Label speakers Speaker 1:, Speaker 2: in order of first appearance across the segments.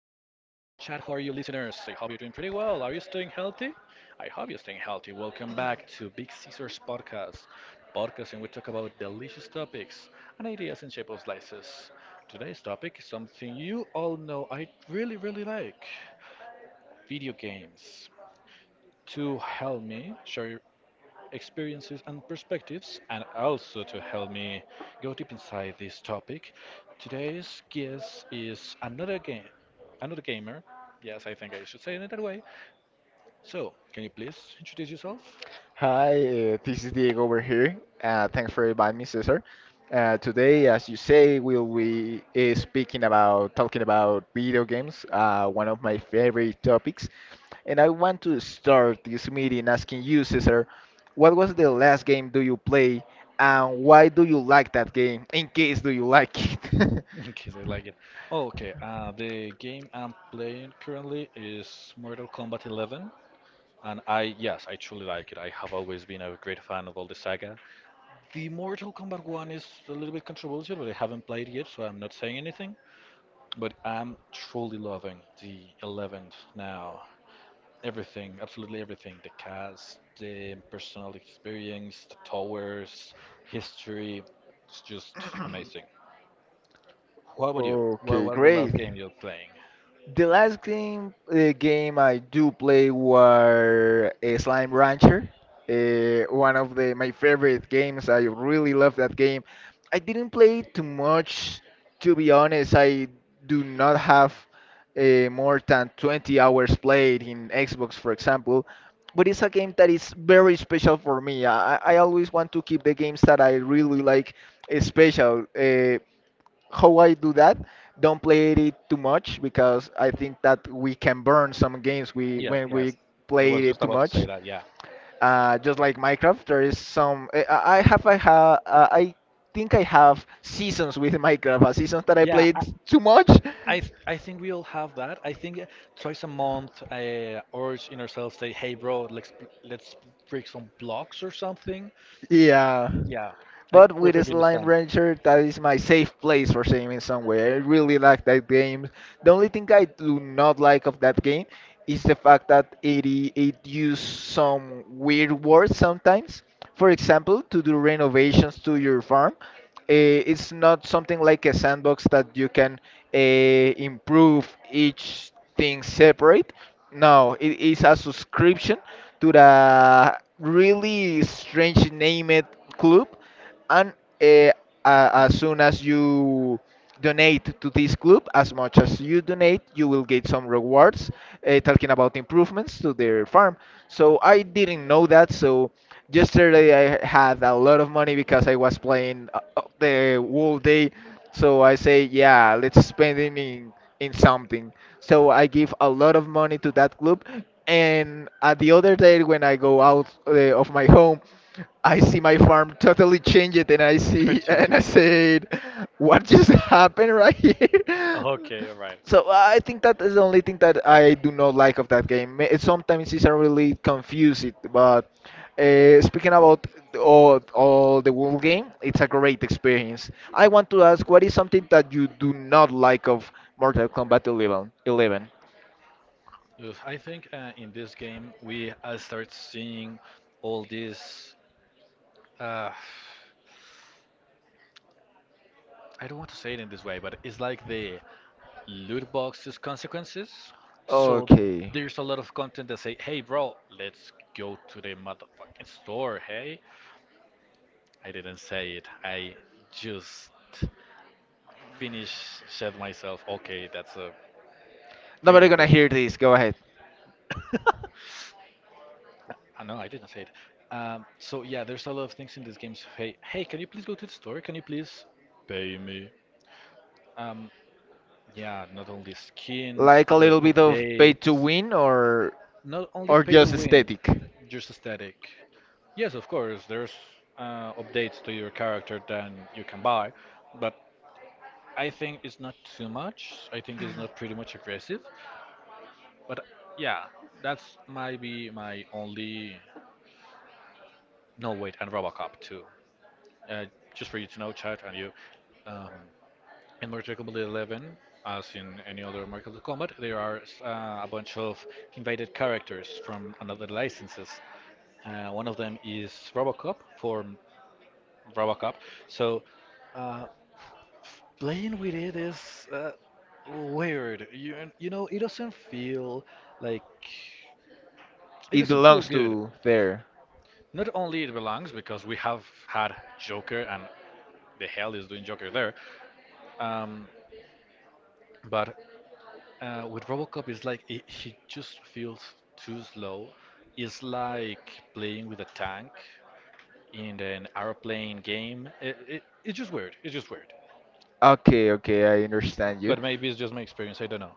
Speaker 1: How are you, listeners? I hope you're doing pretty well. Are you staying healthy? I hope you're staying healthy. Welcome back to Big Caesars Podcast, podcast in which we talk about delicious topics and ideas in shape of slices. Today's topic is something you all know I really, really like video games. To help me share experiences and perspectives, and also to help me go deep inside this topic. Today's guest is another gamer. Yes, I think I should say it that way. So, can you please introduce yourself?
Speaker 2: Hi, this is Diego over here. Thanks for inviting me, Cesar. Today, as you say, we'll be speaking about talking about video games, one of my favorite topics. And I want to start this meeting asking you, Cesar, what was the last game do you play, and why do you like that game? In case do you like it?
Speaker 1: In case I like it. Okay, the game I'm playing currently is Mortal Kombat 11, and I, yes, I truly like it. I have always been a great fan of all the saga. The Mortal Kombat one is a little bit controversial, but I haven't played yet, so I'm not saying anything. But I'm truly loving the 11th now. Everything, absolutely everything. The cast, the personal experience, the towers, history. It's just amazing. What about you? What
Speaker 2: Okay,
Speaker 1: was the
Speaker 2: great.
Speaker 1: last game you were playing?
Speaker 2: The last game I do play were Slime Rancher. One of the my favorite games. I really love that game. I didn't play it too much, to be honest. I do not have more than 20 hours played in Xbox, for example. But it's a game that is very special for me. I always want to keep the games that I really like special. How I do that. Don't play it too much because I think that we can burn some games we
Speaker 1: Yes,
Speaker 2: when we
Speaker 1: yes. I
Speaker 2: play
Speaker 1: was
Speaker 2: it
Speaker 1: just
Speaker 2: too
Speaker 1: about to
Speaker 2: much.
Speaker 1: say that, yeah.
Speaker 2: Just like Minecraft, there is some. I think I have seasons with Minecraft. Seasons that I played too much.
Speaker 1: I think we all have that. I think twice a month, urge in ourselves say, "Hey, bro, let's break some blocks or something."
Speaker 2: Yeah.
Speaker 1: Yeah, I
Speaker 2: But with Slime Rancher, that is my safe place for saving somewhere. I really like that game. The only thing I do not like of that game is the fact that it used some weird words sometimes. For example, to do renovations to your farm, it's not something like a sandbox that you can improve each thing separate. No, it is a subscription to the really strange named club and uh, uh, as soon as you donate to this club, as much as you donate you will get some rewards talking about improvements to their farm. So I didn't know that. So yesterday I had a lot of money because I was playing the whole day, so I say, yeah, let's spend it in something. So I give a lot of money to that club. And at the other day, when I go out of my home, I see my farm totally changed, and I see and I said, "What just happened right here?"
Speaker 1: Okay, all right.
Speaker 2: So I think that is the only thing that I do not like of that game. May- Sometimes it's a really confusing, but speaking about all the world game, it's a great experience. I want to ask, what is something that you do not like of Mortal Kombat 11? 11.
Speaker 1: Ugh, I think in this game we I start seeing all these. Uh, I don't want to say it in this way, but it's like the loot boxes consequences. So
Speaker 2: Okay.
Speaker 1: there's a lot of content that say, "Hey, bro, let's go to the motherfucking store." Hey, I didn't say it. I just finish said myself, okay, that's a
Speaker 2: Nobody
Speaker 1: pretty
Speaker 2: gonna hear this. Go ahead.
Speaker 1: I know I didn't say it. So yeah, there's a lot of things in these games. Hey, hey, can you please go to the store? Can you please pay me? Um, yeah, not only skin,
Speaker 2: Like a little bit of pay to win,
Speaker 1: not only
Speaker 2: or just aesthetic.
Speaker 1: just aesthetic. Yes, of course, there's updates to your character that you can buy, but I think it's not too much. I think it's not pretty much aggressive. But yeah, that's might be my only. No wait, and RoboCop too. Uh, just for you to know, Chad and you, um, in Mortal Kombat 11, as in any other Mortal Kombat, there are a bunch of invited characters from another licenses. One of them is Robocop from Robocop. So uh, playing with it is weird. You know, it doesn't feel like it
Speaker 2: It
Speaker 1: doesn't feel
Speaker 2: belongs
Speaker 1: good.
Speaker 2: to there.
Speaker 1: Not only it belongs because we have had Joker and the hell is doing Joker there, um, but with RoboCop, it's like it, he just feels too slow. It's like playing with a tank in an airplane game. It's just weird. It's just weird.
Speaker 2: Okay, okay, I understand you.
Speaker 1: But maybe it's just my experience. I don't know.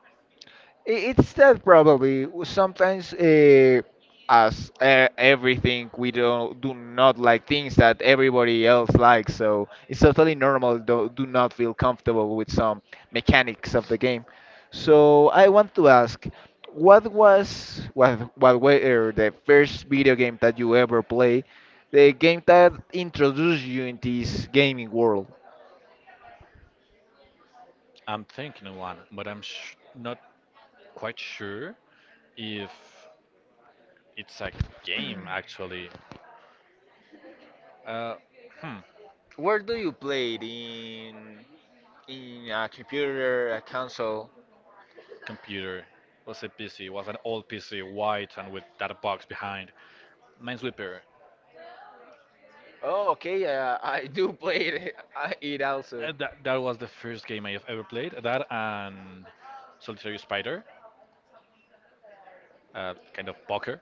Speaker 2: I- It's that probably sometimes as everything, we don't do not like things that everybody else likes, so it's totally normal to do not feel comfortable with some mechanics of the game. So I want to ask, what was what were the first video game that you ever play, the game that introduced you in this gaming world?
Speaker 1: I'm thinking one, but I'm sh not quite sure if it's a game actually. Uh, hmm.
Speaker 2: Where do you play it in a computer, a console?
Speaker 1: Computer. Was a PC. Was an old PC, white and with that box behind. Minesweeper.
Speaker 2: Oh, okay. I do play it, I- it also.
Speaker 1: That was the first game I have ever played. That and Solitary Spider, kind of poker.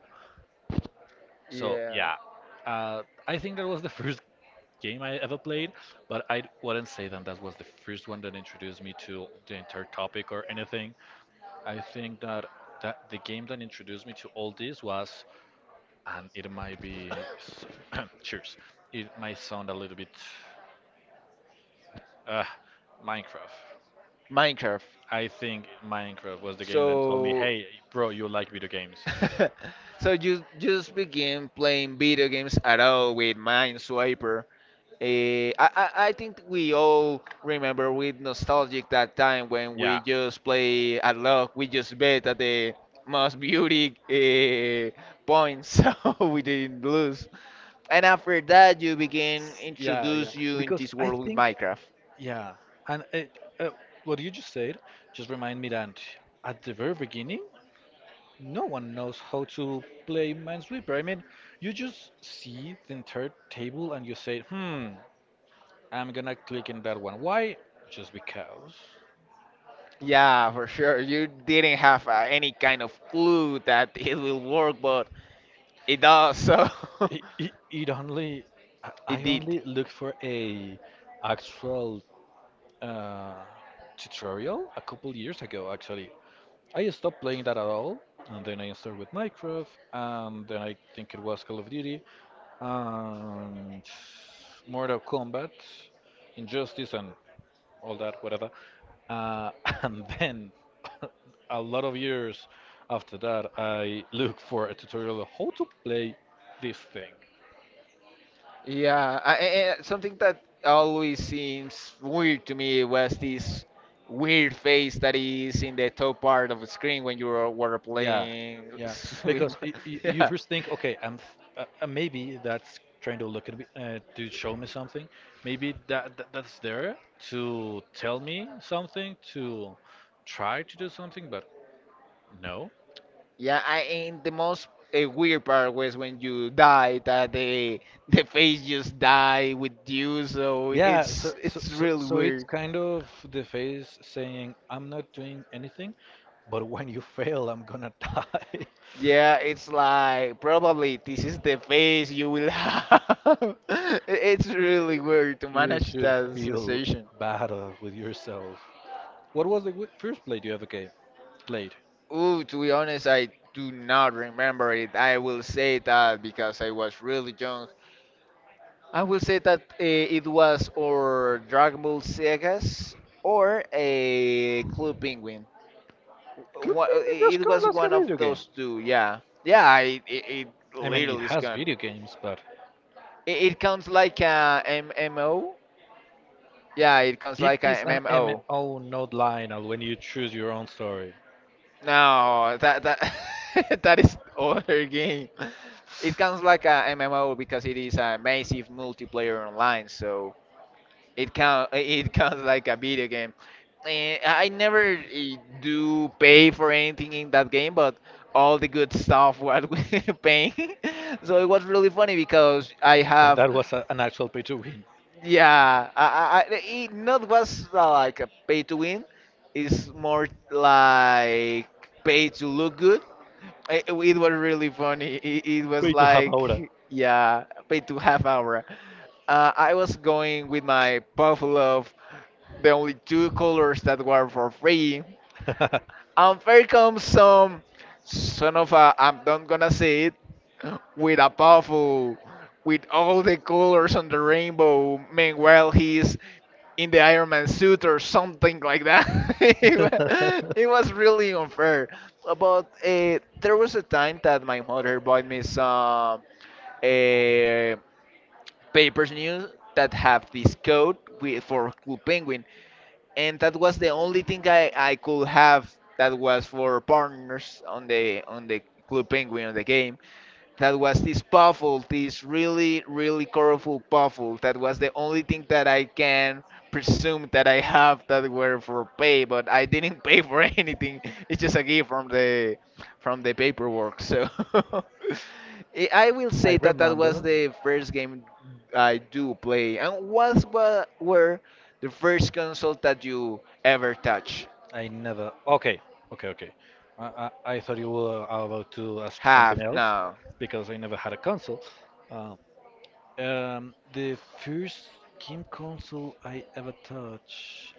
Speaker 1: So
Speaker 2: Yeah.
Speaker 1: yeah, uh, I think that was the first game I ever played. But I wouldn't say that that was the first one that introduced me to the entire topic or anything. I think that the game that introduced me to all this was, and it might be, cheers. It might sound a little bit, uh, Minecraft.
Speaker 2: Minecraft.
Speaker 1: I think Minecraft was the game told me,
Speaker 2: So,
Speaker 1: "Hey, bro, you like video games."
Speaker 2: so you just begin playing video games at all with Minesweeper. Eh, I think we all remember with nostalgic that time when we just play at luck. We just bet at the most beauty points, so we didn't lose. And after that, you begin introduce you in this world with Minecraft.
Speaker 1: Yeah, and it, uh, what you just said just remind me that at the very beginning, no one knows how to play Minesweeper. I mean, you just see the entire table and you say, "Hmm, I'm gonna click in that one." Why? Just because.
Speaker 2: Yeah, for sure. You didn't have any kind of clue that it will work, but it does. So
Speaker 1: It only I I
Speaker 2: it did.
Speaker 1: only look for a actual uh, tutorial a couple years ago actually I stopped playing that at all, and then I started with Minecraft, and then I think it was Call of Duty, and Mortal Kombat, Injustice, and all that, whatever. Uh, and then a lot of years after that, I look for a tutorial on how to play this thing.
Speaker 2: Yeah, something that always seems weird to me was this weird face that is in the top part of the screen when you were
Speaker 1: Yeah,
Speaker 2: playing
Speaker 1: yeah.
Speaker 2: swim.
Speaker 1: Because y y you
Speaker 2: Yeah,
Speaker 1: first think, okay, I'm f maybe that's trying to look at me to show me something. Maybe that's there to tell me something, to try to do something, but no.
Speaker 2: yeah. I and the most weird part was when you die that the the face just die with you. So
Speaker 1: Yeah, so, so
Speaker 2: it's
Speaker 1: so
Speaker 2: really
Speaker 1: so it's
Speaker 2: weird.
Speaker 1: kind of the face saying, I'm not doing anything, but when you fail, I'm gonna die.
Speaker 2: Yeah, it's like probably this is the face you will have. I- It's really weird to
Speaker 1: You
Speaker 2: manage
Speaker 1: should
Speaker 2: that
Speaker 1: feel
Speaker 2: sensation.
Speaker 1: bad with yourself. What was the first play you ever gave? Played?
Speaker 2: Ooh, to be honest, I do not remember it. I will say that because I was really young. I will say that it was or Dragon Ball Segas or a Club Penguin.
Speaker 1: Clipping
Speaker 2: Wha-
Speaker 1: me
Speaker 2: eh,
Speaker 1: just
Speaker 2: it
Speaker 1: kind
Speaker 2: was
Speaker 1: like a
Speaker 2: one of
Speaker 1: video game.
Speaker 2: those two. Yeah, yeah. It
Speaker 1: I mean, it
Speaker 2: literally is
Speaker 1: has
Speaker 2: gone.
Speaker 1: video games, but
Speaker 2: It counts like a MMO. Yeah, it comes like a
Speaker 1: an
Speaker 2: MMO.
Speaker 1: MMO not Lionel when you choose your own story.
Speaker 2: No, that that that is other game. It counts like a MMO because it is a massive multiplayer online, so it count it counts like a video game. Eh, I never eh, do pay for anything in that game, but all the good stuff was paying. So it was really funny because I have.
Speaker 1: That was an actual pay to win.
Speaker 2: Yeah, it not was like a pay to win. It's more like pay to look good. I- It was really funny. It was
Speaker 1: Way to have aura.
Speaker 2: like, yeah, pay to half hour. I was going with my puffle of the only two colors that were for free. And here comes some son of a, I'm not gonna say it, with a puffle, with all the colors on the rainbow. Meanwhile, he's in the Iron Man suit or something like that. It wa- it was really unfair. But there was a time that my mother bought me some uh, papers news that have this code with, for Club Penguin, and that was the only thing I could have that was for partners on the Club Penguin on the game that was this puffle, this really, really colorful puffle. That was the only thing that I can presume that I have that were for pay, but I didn't pay for anything. It's just a gift from the paperwork. So I will
Speaker 1: I
Speaker 2: say that that was
Speaker 1: remember.
Speaker 2: the first game I do play, and what were the first console that you ever touch
Speaker 1: I never. Okay, okay, okay. I thought you were about to ask something
Speaker 2: have
Speaker 1: else
Speaker 2: now.
Speaker 1: because I never had a console. Uh, the first game console I ever touched.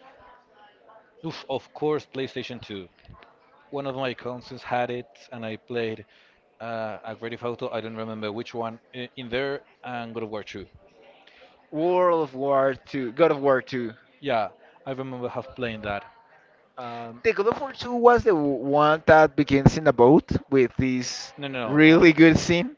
Speaker 1: Oof, of course, PlayStation 2. One of my cousins had it, and I played a Grand Theft Auto. I don't remember which one in there, and God of War 2.
Speaker 2: World of War Two, God of War Two.
Speaker 1: Yeah, I remember have playing that. Um,
Speaker 2: The God of War 2 was the w- one that begins in a boat with this
Speaker 1: no, no, no,
Speaker 2: really good scene.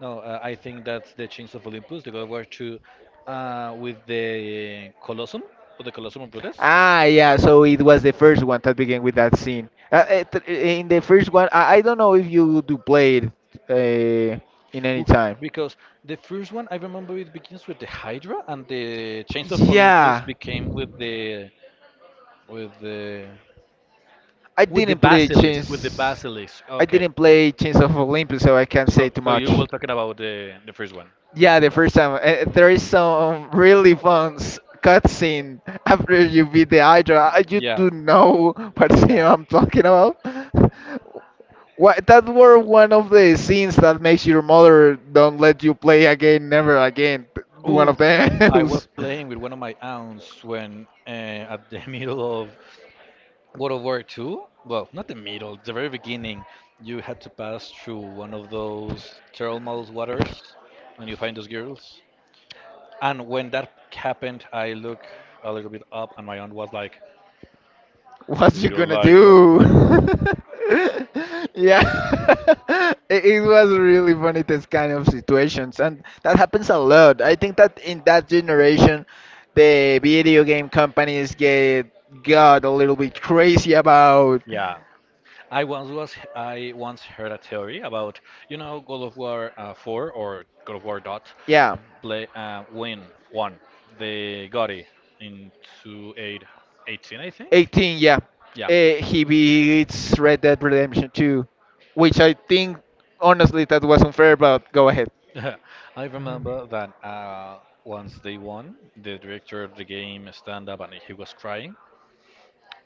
Speaker 1: no. I think that's the Chains of Olympus, the God of War 2, with the Colosseum or the Colosseum of Brutus.
Speaker 2: Ah, yeah, so it was the first one that began with that scene. In the first one, I don't know if you do play it uh, in any
Speaker 1: Ooh,
Speaker 2: time.
Speaker 1: because the first one I remember it begins with the Hydra, and the Chains of Olympus
Speaker 2: Yeah,
Speaker 1: became with the
Speaker 2: I
Speaker 1: with the
Speaker 2: didn't play
Speaker 1: basilisk with the
Speaker 2: Chains.
Speaker 1: basilisk. Oh,
Speaker 2: I didn't play Chains of Olympus, so I can't say
Speaker 1: so
Speaker 2: too
Speaker 1: so
Speaker 2: much.
Speaker 1: you were talking about the first one.
Speaker 2: Yeah, the first time. There is some really fun s- cutscene after you beat the Hydra. You do know what scene
Speaker 1: Yeah.
Speaker 2: I'm talking about. What, that were one of the scenes that makes your mother don't let you play again, never again. One of
Speaker 1: Ooh, I
Speaker 2: those.
Speaker 1: was playing with one of my aunts when at the middle of World War Two. Well, not the middle, the very beginning. You had to pass through one of those thermal waters, and you find those girls. And when that happened, I look a little bit up, and my aunt was like,
Speaker 2: What
Speaker 1: "Do
Speaker 2: you
Speaker 1: you
Speaker 2: gonna
Speaker 1: like that?"
Speaker 2: do? Yeah, it was really funny this kind of situations, and that happens a lot. I think that in that generation, the video game companies get got a little bit crazy about,
Speaker 1: "Yeah." I once heard a theory about God of War 4 or God of War Dot
Speaker 2: yeah,
Speaker 1: play win one. They got it in 2018, I think.
Speaker 2: 18, yeah,
Speaker 1: Yeah,
Speaker 2: he beats Red Dead Redemption 2, which I think honestly that was unfair, but go ahead.
Speaker 1: I remember that once they won, the director of the game stand up and he was crying.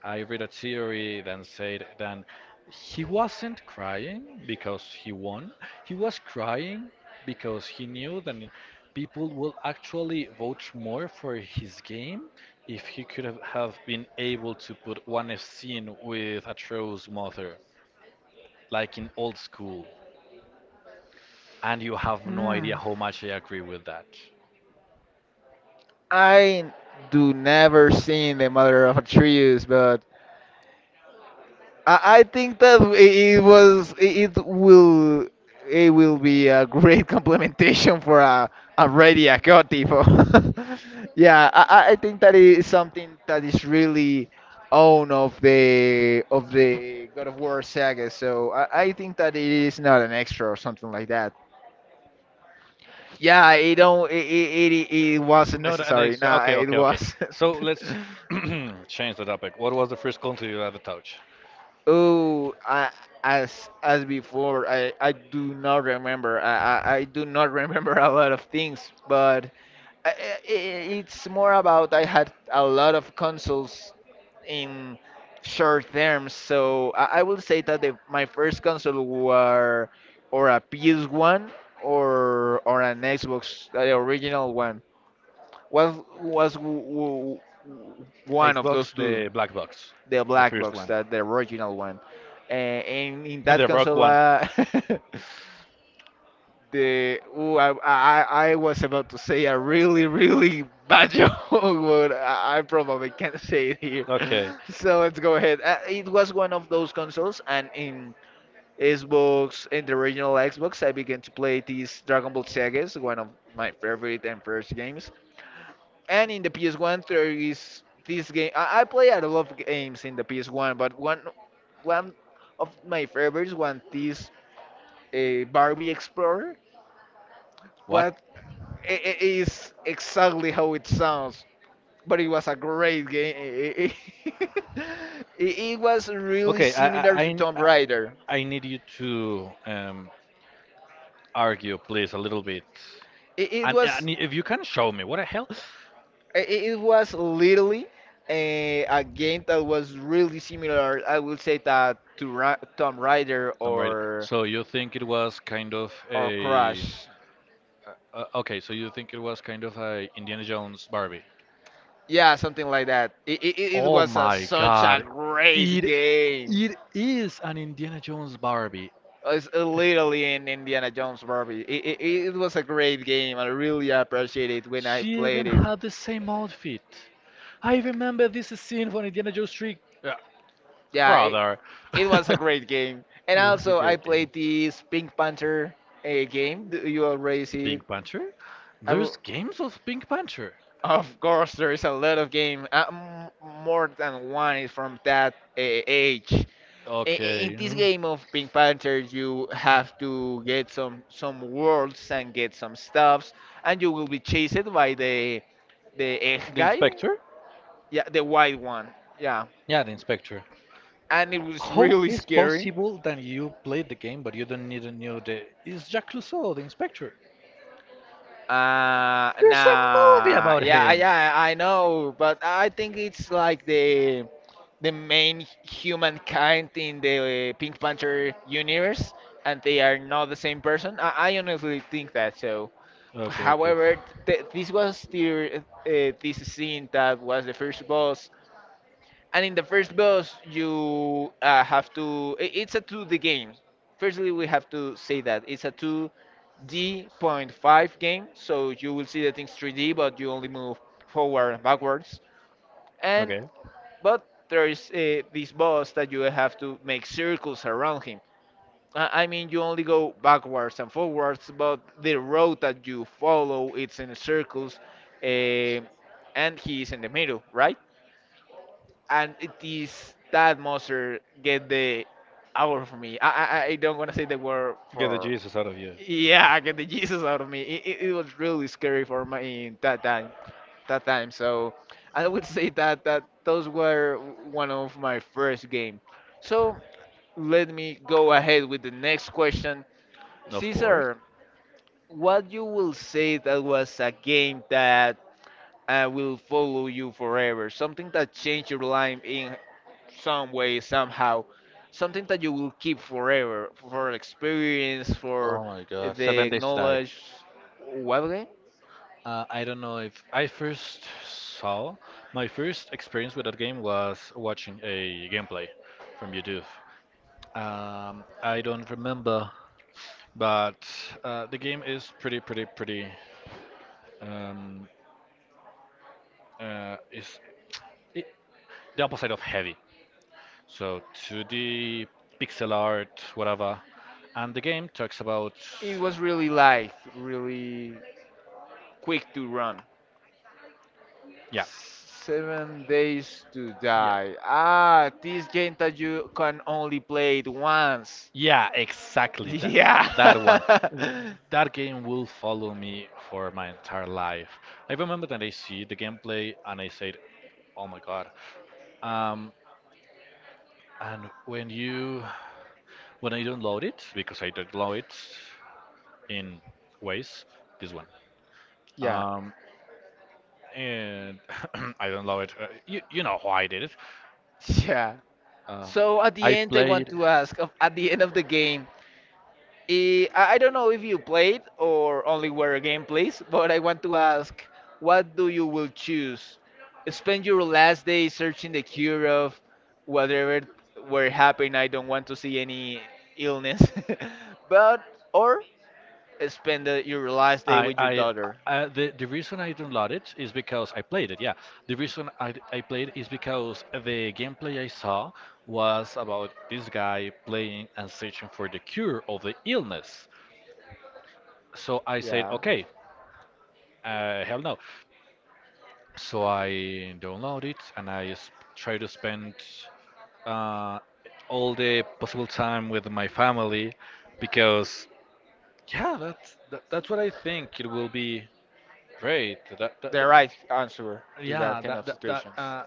Speaker 1: I read a theory that said that he wasn't crying because he won. He was crying because he knew that people will actually vote more for his game if he could have been able to put one scene with a Atro's mother, like in old school. And you have no
Speaker 2: Hmm.
Speaker 1: idea how much I agree with that.
Speaker 2: I do never seen the mother of Atreus, but I think that it was it, it will be a great complementation for a radio tipo. Yeah, I think that is something that is really own of the God of War saga. So I think that it is not an extra or something like that. Yeah, it don't it it, it, it wasn't
Speaker 1: Not an
Speaker 2: necessary.
Speaker 1: extra.
Speaker 2: Nah,
Speaker 1: Okay,
Speaker 2: it
Speaker 1: okay, okay.
Speaker 2: wasn't.
Speaker 1: So let's change the topic. What was the first country you ever touched?
Speaker 2: Oh, as before, I do not remember. I do not remember a lot of things, but I, I- it's more about I had a lot of consoles in short terms. So I will say that the, my first console were or a PS1 or an Xbox, the original one. Was one of those
Speaker 1: Box,
Speaker 2: two,
Speaker 1: the black box,
Speaker 2: the black
Speaker 1: first
Speaker 2: box,
Speaker 1: one.
Speaker 2: that the original one. And in that
Speaker 1: The rock
Speaker 2: console,
Speaker 1: one.
Speaker 2: the ooh, I was about to say a really really bad joke, but I probably can't say it here.
Speaker 1: Okay.
Speaker 2: So let's go ahead. It was one of those consoles, and in Xbox, in the original Xbox, I began to play these Dragon Ball sagas, one of my favorite and first games. And in the PS1, there is this game. I play a lot of games in the PS1, but one of my favorites was this Barbie Explorer.
Speaker 1: Well,
Speaker 2: What is exactly how it sounds, but it was a great game. It was really similar to Tomb Raider.
Speaker 1: I need you to argue, please, a little bit.
Speaker 2: It, it was
Speaker 1: And if you can show me, what the hell?
Speaker 2: it, it was literally a game that was really similar. I will say that Tomb Raider
Speaker 1: So you think it was kind of
Speaker 2: or
Speaker 1: a.
Speaker 2: Crash.
Speaker 1: Okay, so you think it was kind of a Indiana Jones Barbie?
Speaker 2: Yeah, something like that. It was such a great game.
Speaker 1: It is an Indiana Jones Barbie.
Speaker 2: It's literally in Indiana Jones Barbie. It was a great game. I really appreciate it when I played it.
Speaker 1: Had the same outfit. I remember this scene from Indiana Jones 3. Uh,
Speaker 2: Yeah,
Speaker 1: other
Speaker 2: it was a great game. And also, I played this Pink Panther game. Do you already see it?
Speaker 1: Pink Panther?
Speaker 2: I
Speaker 1: There's
Speaker 2: will,
Speaker 1: games of Pink Panther.
Speaker 2: of course, there is a lot of game. More than one is from that age.
Speaker 1: Oh,
Speaker 2: In this game of Pink Panther, you have to get some worlds and get some stuffs, and you will be chased by the egg
Speaker 1: the
Speaker 2: guy,
Speaker 1: Inspector?
Speaker 2: yeah, the white one, yeah,
Speaker 1: Yeah, the Inspector.
Speaker 2: and it was
Speaker 1: How
Speaker 2: really
Speaker 1: is
Speaker 2: scary.
Speaker 1: possible that you played the game but you don't even know the is Jack Clouseau the inspector? There's a movie
Speaker 2: Nah,
Speaker 1: about
Speaker 2: yeah,
Speaker 1: him.
Speaker 2: yeah, I know, but I think it's like the main humankind in the Pink Panther universe, and they are not the same person. I honestly think that so.
Speaker 1: Okay,
Speaker 2: However, this was the, this scene that was the first boss, and in the first boss you have to. It's a 2D game. Firstly, we have to say that it's a 2 D Point five game, so you will see the things 3D, but you only move forward and backwards. And but there is this boss that you have to make circles around him. I mean, you only go backwards and forwards, but the road that you follow it's in circles, um and he is in the middle, right? And it is that monster get the out of me. I don't wanna say the word
Speaker 1: get the
Speaker 2: for
Speaker 1: Jesus out of you.
Speaker 2: yeah, get the Jesus out of me. It was really scary for me in that time. That time, so I would say that those were one of my first game. So let me go ahead with the next question.
Speaker 1: Of course.
Speaker 2: Caesar, what you will say that was a game that will follow you forever, something that changed your life in some way, somehow, something that you will keep forever for experience, for
Speaker 1: Oh my God. Seven
Speaker 2: the
Speaker 1: Days to Die.
Speaker 2: knowledge. What game?
Speaker 1: I don't know if I first saw my first experience with that game was watching a gameplay from YouTube. I don't remember, but the game is pretty, pretty, pretty. Um, is it, the opposite of heavy. So 2D, pixel art, whatever. And the game talks about,
Speaker 2: It was really light, really quick to run.
Speaker 1: yeah,
Speaker 2: 7 Days to
Speaker 1: yeah,
Speaker 2: Die. Ah, this game that you can only play it once.
Speaker 1: yeah, exactly that
Speaker 2: Yeah.
Speaker 1: that one. Th- that game will follow me for my entire life. I remember that I see the gameplay and I said, oh my god. Um, and when I download it, because I download it in ways, this one.
Speaker 2: Yeah.
Speaker 1: Um, and I download it. You know why I did it.
Speaker 2: Yeah.
Speaker 1: Uh,
Speaker 2: So at the end, I want to ask, at the end of the game, I don't know if you played or only were gameplays, but I want to ask, what do you will choose? Spend your last day searching the cure of whatever were happening. I don't want to see any illness, but or spend your last day
Speaker 1: I,
Speaker 2: with your
Speaker 1: I,
Speaker 2: daughter.
Speaker 1: the reason I downloaded it is because I played it. Yeah, the reason I played is because the gameplay I saw was about this guy playing and searching for the cure of the illness. So I said,
Speaker 2: Yeah,
Speaker 1: okay, hell no. So I downloaded it and I try to spend uh, all the possible time with my family because yeah, that's that's what I think. It will be great.
Speaker 2: the right answer to that
Speaker 1: Yeah,
Speaker 2: kind
Speaker 1: that
Speaker 2: of
Speaker 1: that, that
Speaker 2: situations.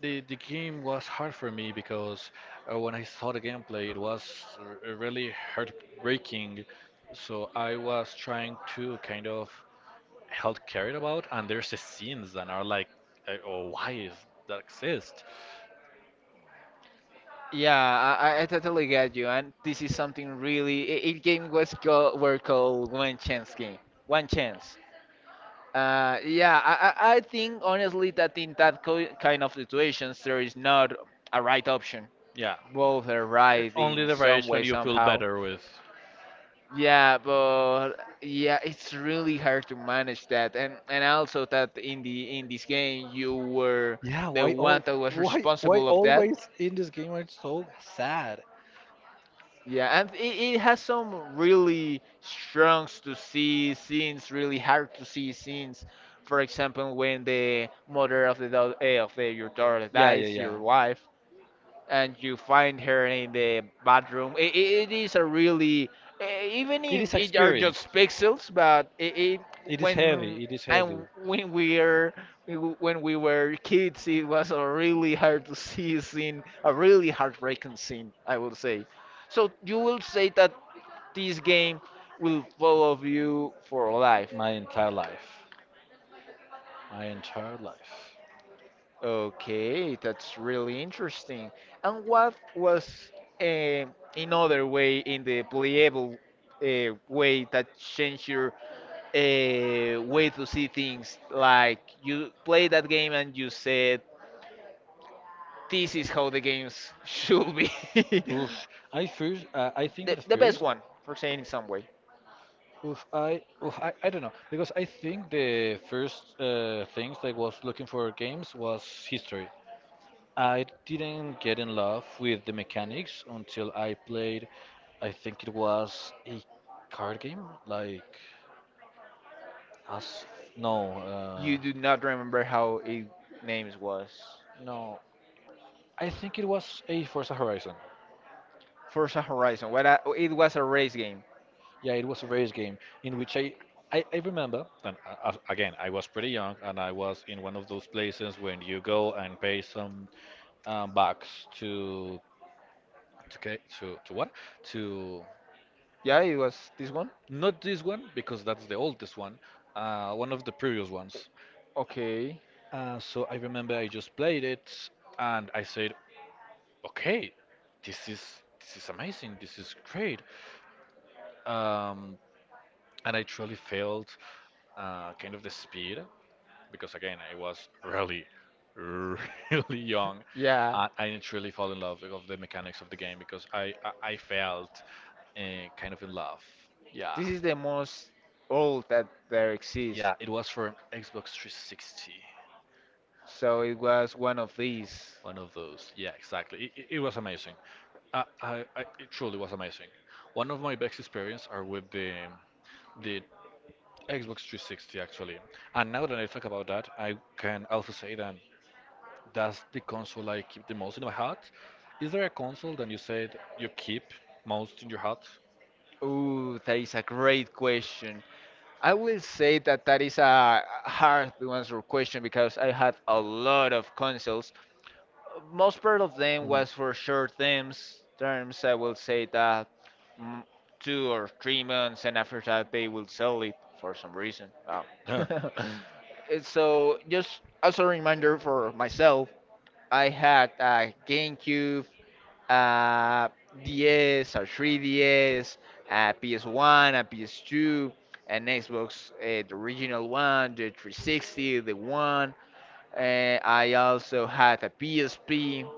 Speaker 1: the game was hard for me because when I saw the gameplay, it was really heartbreaking. So I was trying to kind of help care it about, and there's the scenes that are like, oh, why is that exist?
Speaker 2: Yeah, I totally get you, and this is something really. It game was called were called one chance game, one chance. Yeah, I think honestly that in that co kind of situations there is not a right option.
Speaker 1: Yeah,
Speaker 2: Both are right
Speaker 1: only
Speaker 2: in
Speaker 1: the
Speaker 2: some way
Speaker 1: variation you feel
Speaker 2: somehow.
Speaker 1: better with.
Speaker 2: Yeah, but yeah, it's really hard to manage that, and also that in the in this game you were the one that was responsible of that.
Speaker 1: It's in this game are so sad.
Speaker 2: Yeah, and it has some really strong to see scenes, really hard to see scenes. For example, when the mother of the of the, your daughter dies, your wife, and you find her in the bathroom. It is a really, even if it are just pixels, but it when and when we were kids, it was a really hard to see scene, a really heartbreaking scene, I would say. So you will say that this game will follow you for life.
Speaker 1: My, my,
Speaker 2: Okay, that's really interesting. And what was eh, another way in the playable way that changed your way to see things? Like you play that game and you said, "This is how the games should be."
Speaker 1: oof. I think that
Speaker 2: The best
Speaker 1: first,
Speaker 2: one, for saying in some way.
Speaker 1: I don't know, because I think the first things I was looking for games was history. I didn't get in love with the mechanics until I played, I think it was a card game, like, as, no,
Speaker 2: You do not remember how it names was.
Speaker 1: no, I think it was a Forza Horizon.
Speaker 2: Forza Horizon. What? I, it was a race game.
Speaker 1: Yeah, it was a race game in which I remember, and again, I was pretty young, and I was in one of those places when you go and pay some bucks to, to what? To,
Speaker 2: Yeah, it was this one.
Speaker 1: not this one, because that's the oldest one, one of the previous ones.
Speaker 2: Okay.
Speaker 1: So I remember I just played it, and I said, okay, this is amazing, this is great. Um, and I truly felt kind of the speed because again I was really really young,
Speaker 2: Yeah.
Speaker 1: and I didn't really fall in love with the mechanics of the game because I felt kind of in love. Yeah,
Speaker 2: This is the most old that there exists.
Speaker 1: yeah, it was for Xbox 360.
Speaker 2: So it was one of these.
Speaker 1: One of those, yeah, exactly. It it was amazing. I it truly was amazing. One of my best experience are with the Xbox 360 actually, and now that I talk about that I can also say that that's the console I keep the most in my heart. Is there a console that you said you keep most in your heart?
Speaker 2: Ooh, that is a great question. I will say that that is a hard to answer question because I had a lot of consoles. Most part of them was for short terms. Terms I will say that mm, 2 or 3 months, and after that they will sell it for some reason. Wow. So just as a reminder for myself, I had a GameCube, a DS, a 3DS, PS1, a PS2, an Xbox, the original one, the 360, the one. Uh, I also had a PSP.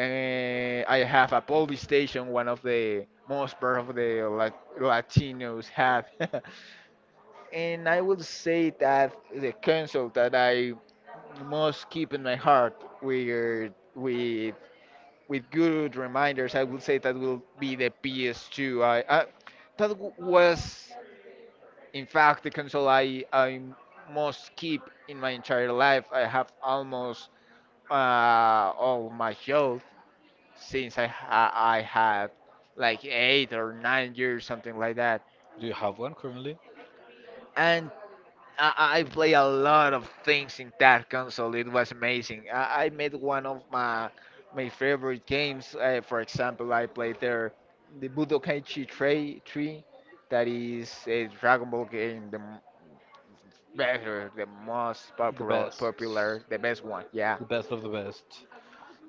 Speaker 2: I have a PlayStation, one of the most part of the Latinos have. And I would say that the console that I most keep in my heart with with with good reminders, I would say that will be the PS2. I That was, in fact, the console I most keep in my entire life. I have almost uh, all my youth since I had like 8 or 9 years, something like that.
Speaker 1: Do you have one currently?
Speaker 2: And I play a lot of things in that console. It was amazing. I made one of my my favorite games. For example, I played there the Budokai Tree Tree, that is a Dragon Ball game, the the most
Speaker 1: The best.
Speaker 2: popular, the best one. Yeah,
Speaker 1: The best of the best.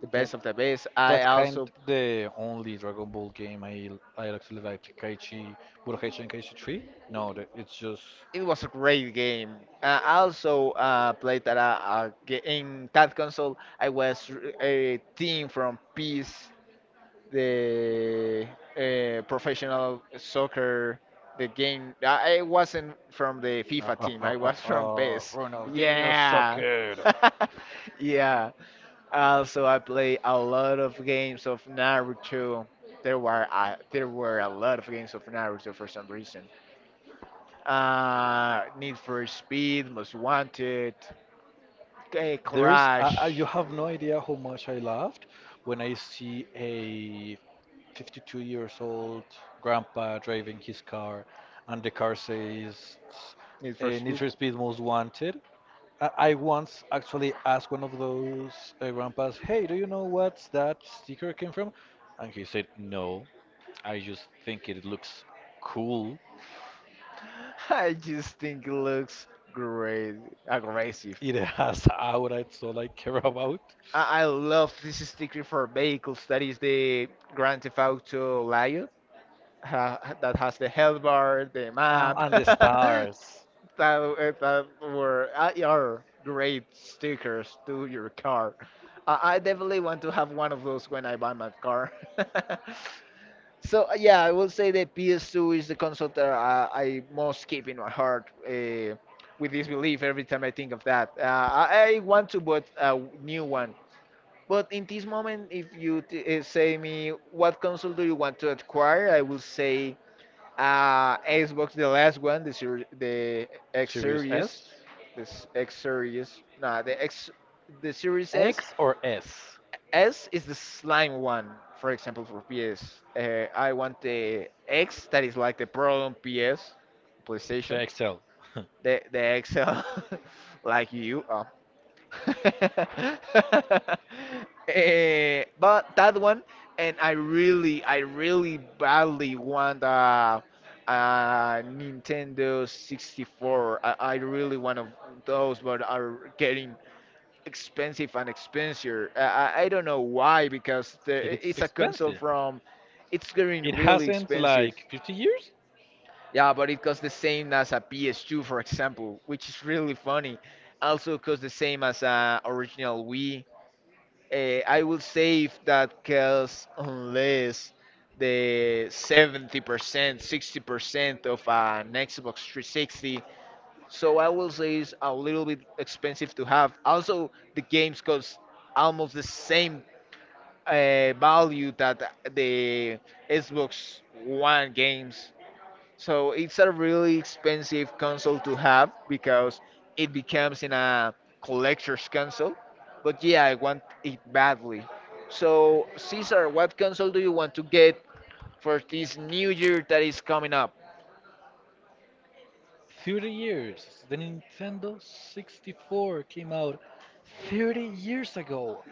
Speaker 2: the
Speaker 1: Yeah,
Speaker 2: best of the best. I
Speaker 1: that's kind
Speaker 2: also
Speaker 1: the only Dragon Ball game I actually liked. Kaichi, Budokai Tenkaichi 3? No, the- it's just
Speaker 2: it was a great game. I also Played in that console. I was a team from Peace the professional soccer, the game. I wasn't from the FIFA team. I was from PES.
Speaker 1: Ronaldinho
Speaker 2: Yeah.
Speaker 1: sucker.
Speaker 2: Yeah. Also, I play a lot of games of Naruto. There were a lot of games of Naruto for some reason. Need for Speed, Most Wanted,
Speaker 1: You
Speaker 2: Crash.
Speaker 1: have no idea how much I laughed when I see a 52 years old, grandpa driving his car, and the car says
Speaker 2: Need for
Speaker 1: Need
Speaker 2: Speed.
Speaker 1: for Speed Most Wanted. I once actually asked one of those grandpas, "Hey, do you know what that sticker came from?" And he said, "No, I just think it looks cool.
Speaker 2: I just think it looks great, aggressive.
Speaker 1: It has aura, it's all I care about."
Speaker 2: I love this sticker for vehicles. That is the Grand Theft Auto Lion ha, that has the health bar, the map.
Speaker 1: And the
Speaker 2: that,
Speaker 1: stars,
Speaker 2: that were Are great stickers to your car. I definitely want to have one of those when I buy my car. So yeah, I will say that PS2 is the console that I most keep in my heart with this belief every time I think of that. I want to buy a new one, but in this moment, if you say me what console do you want to acquire, I will say Xbox, the last one, the X
Speaker 1: Sirius
Speaker 2: Series,
Speaker 1: S,
Speaker 2: this X Series, no, the X, the Series S,
Speaker 1: X or S,
Speaker 2: S is the slime one, for example, for PS. I want the X that is like the Pro on PS,
Speaker 1: the
Speaker 2: PlayStation.
Speaker 1: XL.
Speaker 2: The XL, like you. Oh. But that one, and I really badly want a Nintendo 64. I really want of those, but are getting expensive and expensive. I don't know why because the,
Speaker 1: It's
Speaker 2: it's a console
Speaker 1: expensive.
Speaker 2: from. It's
Speaker 1: It
Speaker 2: getting really
Speaker 1: hasn't
Speaker 2: expensive.
Speaker 1: like 50 years.
Speaker 2: Yeah, but it costs the same as a PS2, for example, which is really funny. Also costs the same as a original Wii. I will save that costs unless the 70%, 60% of an Xbox 360, so I will say it's a little bit expensive to have. Also, the games cost almost the same value that the Xbox One games. So it's a really expensive console to have because it becomes in a collector's console. But yeah, I want it badly. So Caesar, what console do you want to get for this new year that is coming up?
Speaker 1: 30 years! The Nintendo 64 came out 30 years ago.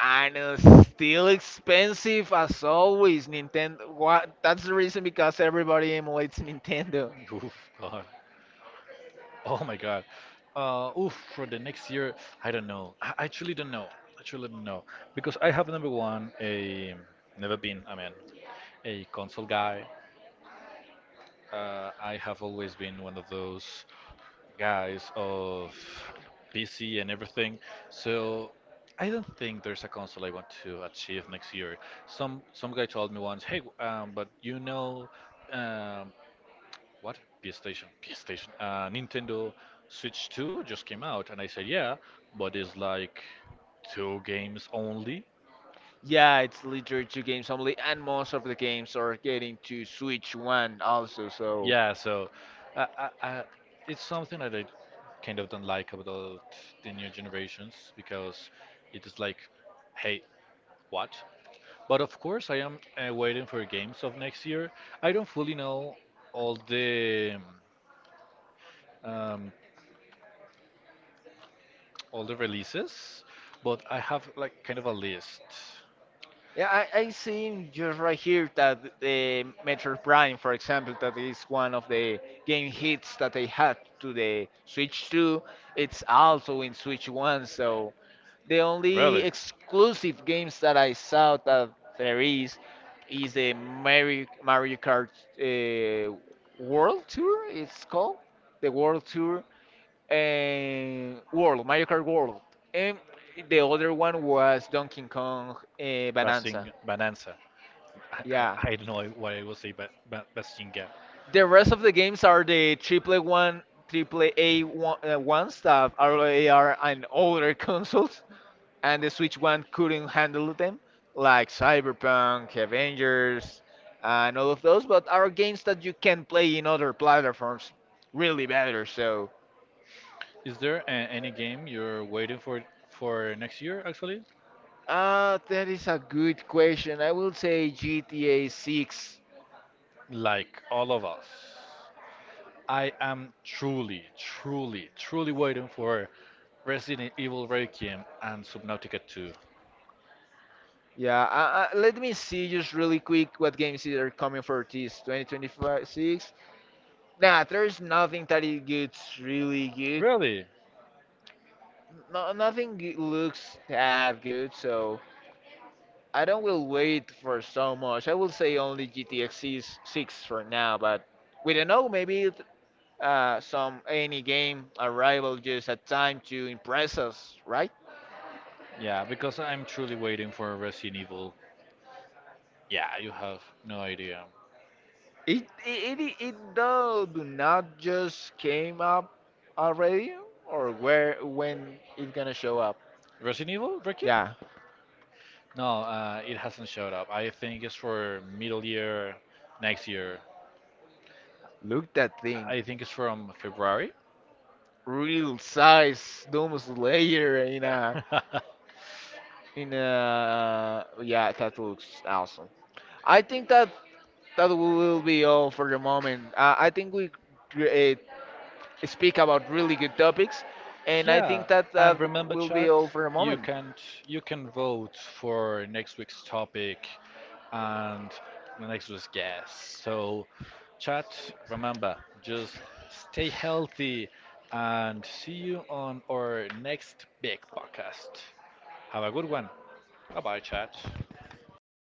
Speaker 2: And still expensive as always. Nintendo. What? That's the reason because everybody emulates Nintendo.
Speaker 1: Oof, God. Oh my God. Oof, for the next year, I don't know. I actually don't know. I actually don't know. Because I have, number 1, a never been, I mean, a console guy. I have always been one of those guys of PC and everything. So I don't think there's a console I want to achieve next year. Some guy told me once, hey, but you know, um, what? PlayStation, Nintendo Switch 2 just came out, and I said, yeah, but it's like 2 games only.
Speaker 2: Yeah, it's literally two games only, and most of the games are getting to Switch One also. So
Speaker 1: Yeah, so uh, I, I, it's something that I kind of don't like about the new generations because it is like, hey, what? But of course, I am waiting for games of next year. I don't fully know all the um, all the releases, but I have like kind of a list.
Speaker 2: yeah, I see just right here that the Metroid Prime, for example, that is one of the game hits that they had to the Switch Two. It's also in Switch One. So the only exclusive games that I saw that there is the Mario Kart uh, World Tour. It's called the World Tour and World Mario Kart World, and the other one was Donkey Kong Bonanza.
Speaker 1: G- Bonanza. I,
Speaker 2: Yeah,
Speaker 1: I, I don't know what I will say, but Bastinga,
Speaker 2: the rest of the games are the triple A one, ones that are on older consoles, and the Switch One couldn't handle them, like Cyberpunk, Avengers, and all of those. But are games that you can play in other platforms really better. So,
Speaker 1: is there a, any game you're waiting for next year? Actually,
Speaker 2: that is a good question. I will say GTA 6.
Speaker 1: like all of us, I am truly, truly, truly waiting for Resident Evil Requiem and Subnautica 2.
Speaker 2: Yeah, let me see just really quick what games are coming for this 2026. Nah, there's nothing that it gets really good.
Speaker 1: Really?
Speaker 2: No, nothing looks that good, so I don't will wait for so much. I will say only GTX is 6 six for now, but we don't know. Maybe some any game arrival just at time to impress us, right?
Speaker 1: Yeah, because I'm truly waiting for Resident Evil. Yeah, you have no idea.
Speaker 2: It though do not just came up already, or where when it gonna show up?
Speaker 1: Resident Evil Requiem?
Speaker 2: Yeah,
Speaker 1: No, it hasn't showed up. I think it's for middle year next year.
Speaker 2: look that thing,
Speaker 1: I think it's from February.
Speaker 2: real size Doom Slayer in a yeah that looks awesome. I think that that will be all for the moment. I think we uh, speak about really good topics, and I think that
Speaker 1: And
Speaker 2: that will be all for the
Speaker 1: you
Speaker 2: moment.
Speaker 1: can you can vote for next week's topic and the next week's guest. So, chat, remember, just stay healthy and see you on our next big podcast. Have a good one. Bye bye, chat.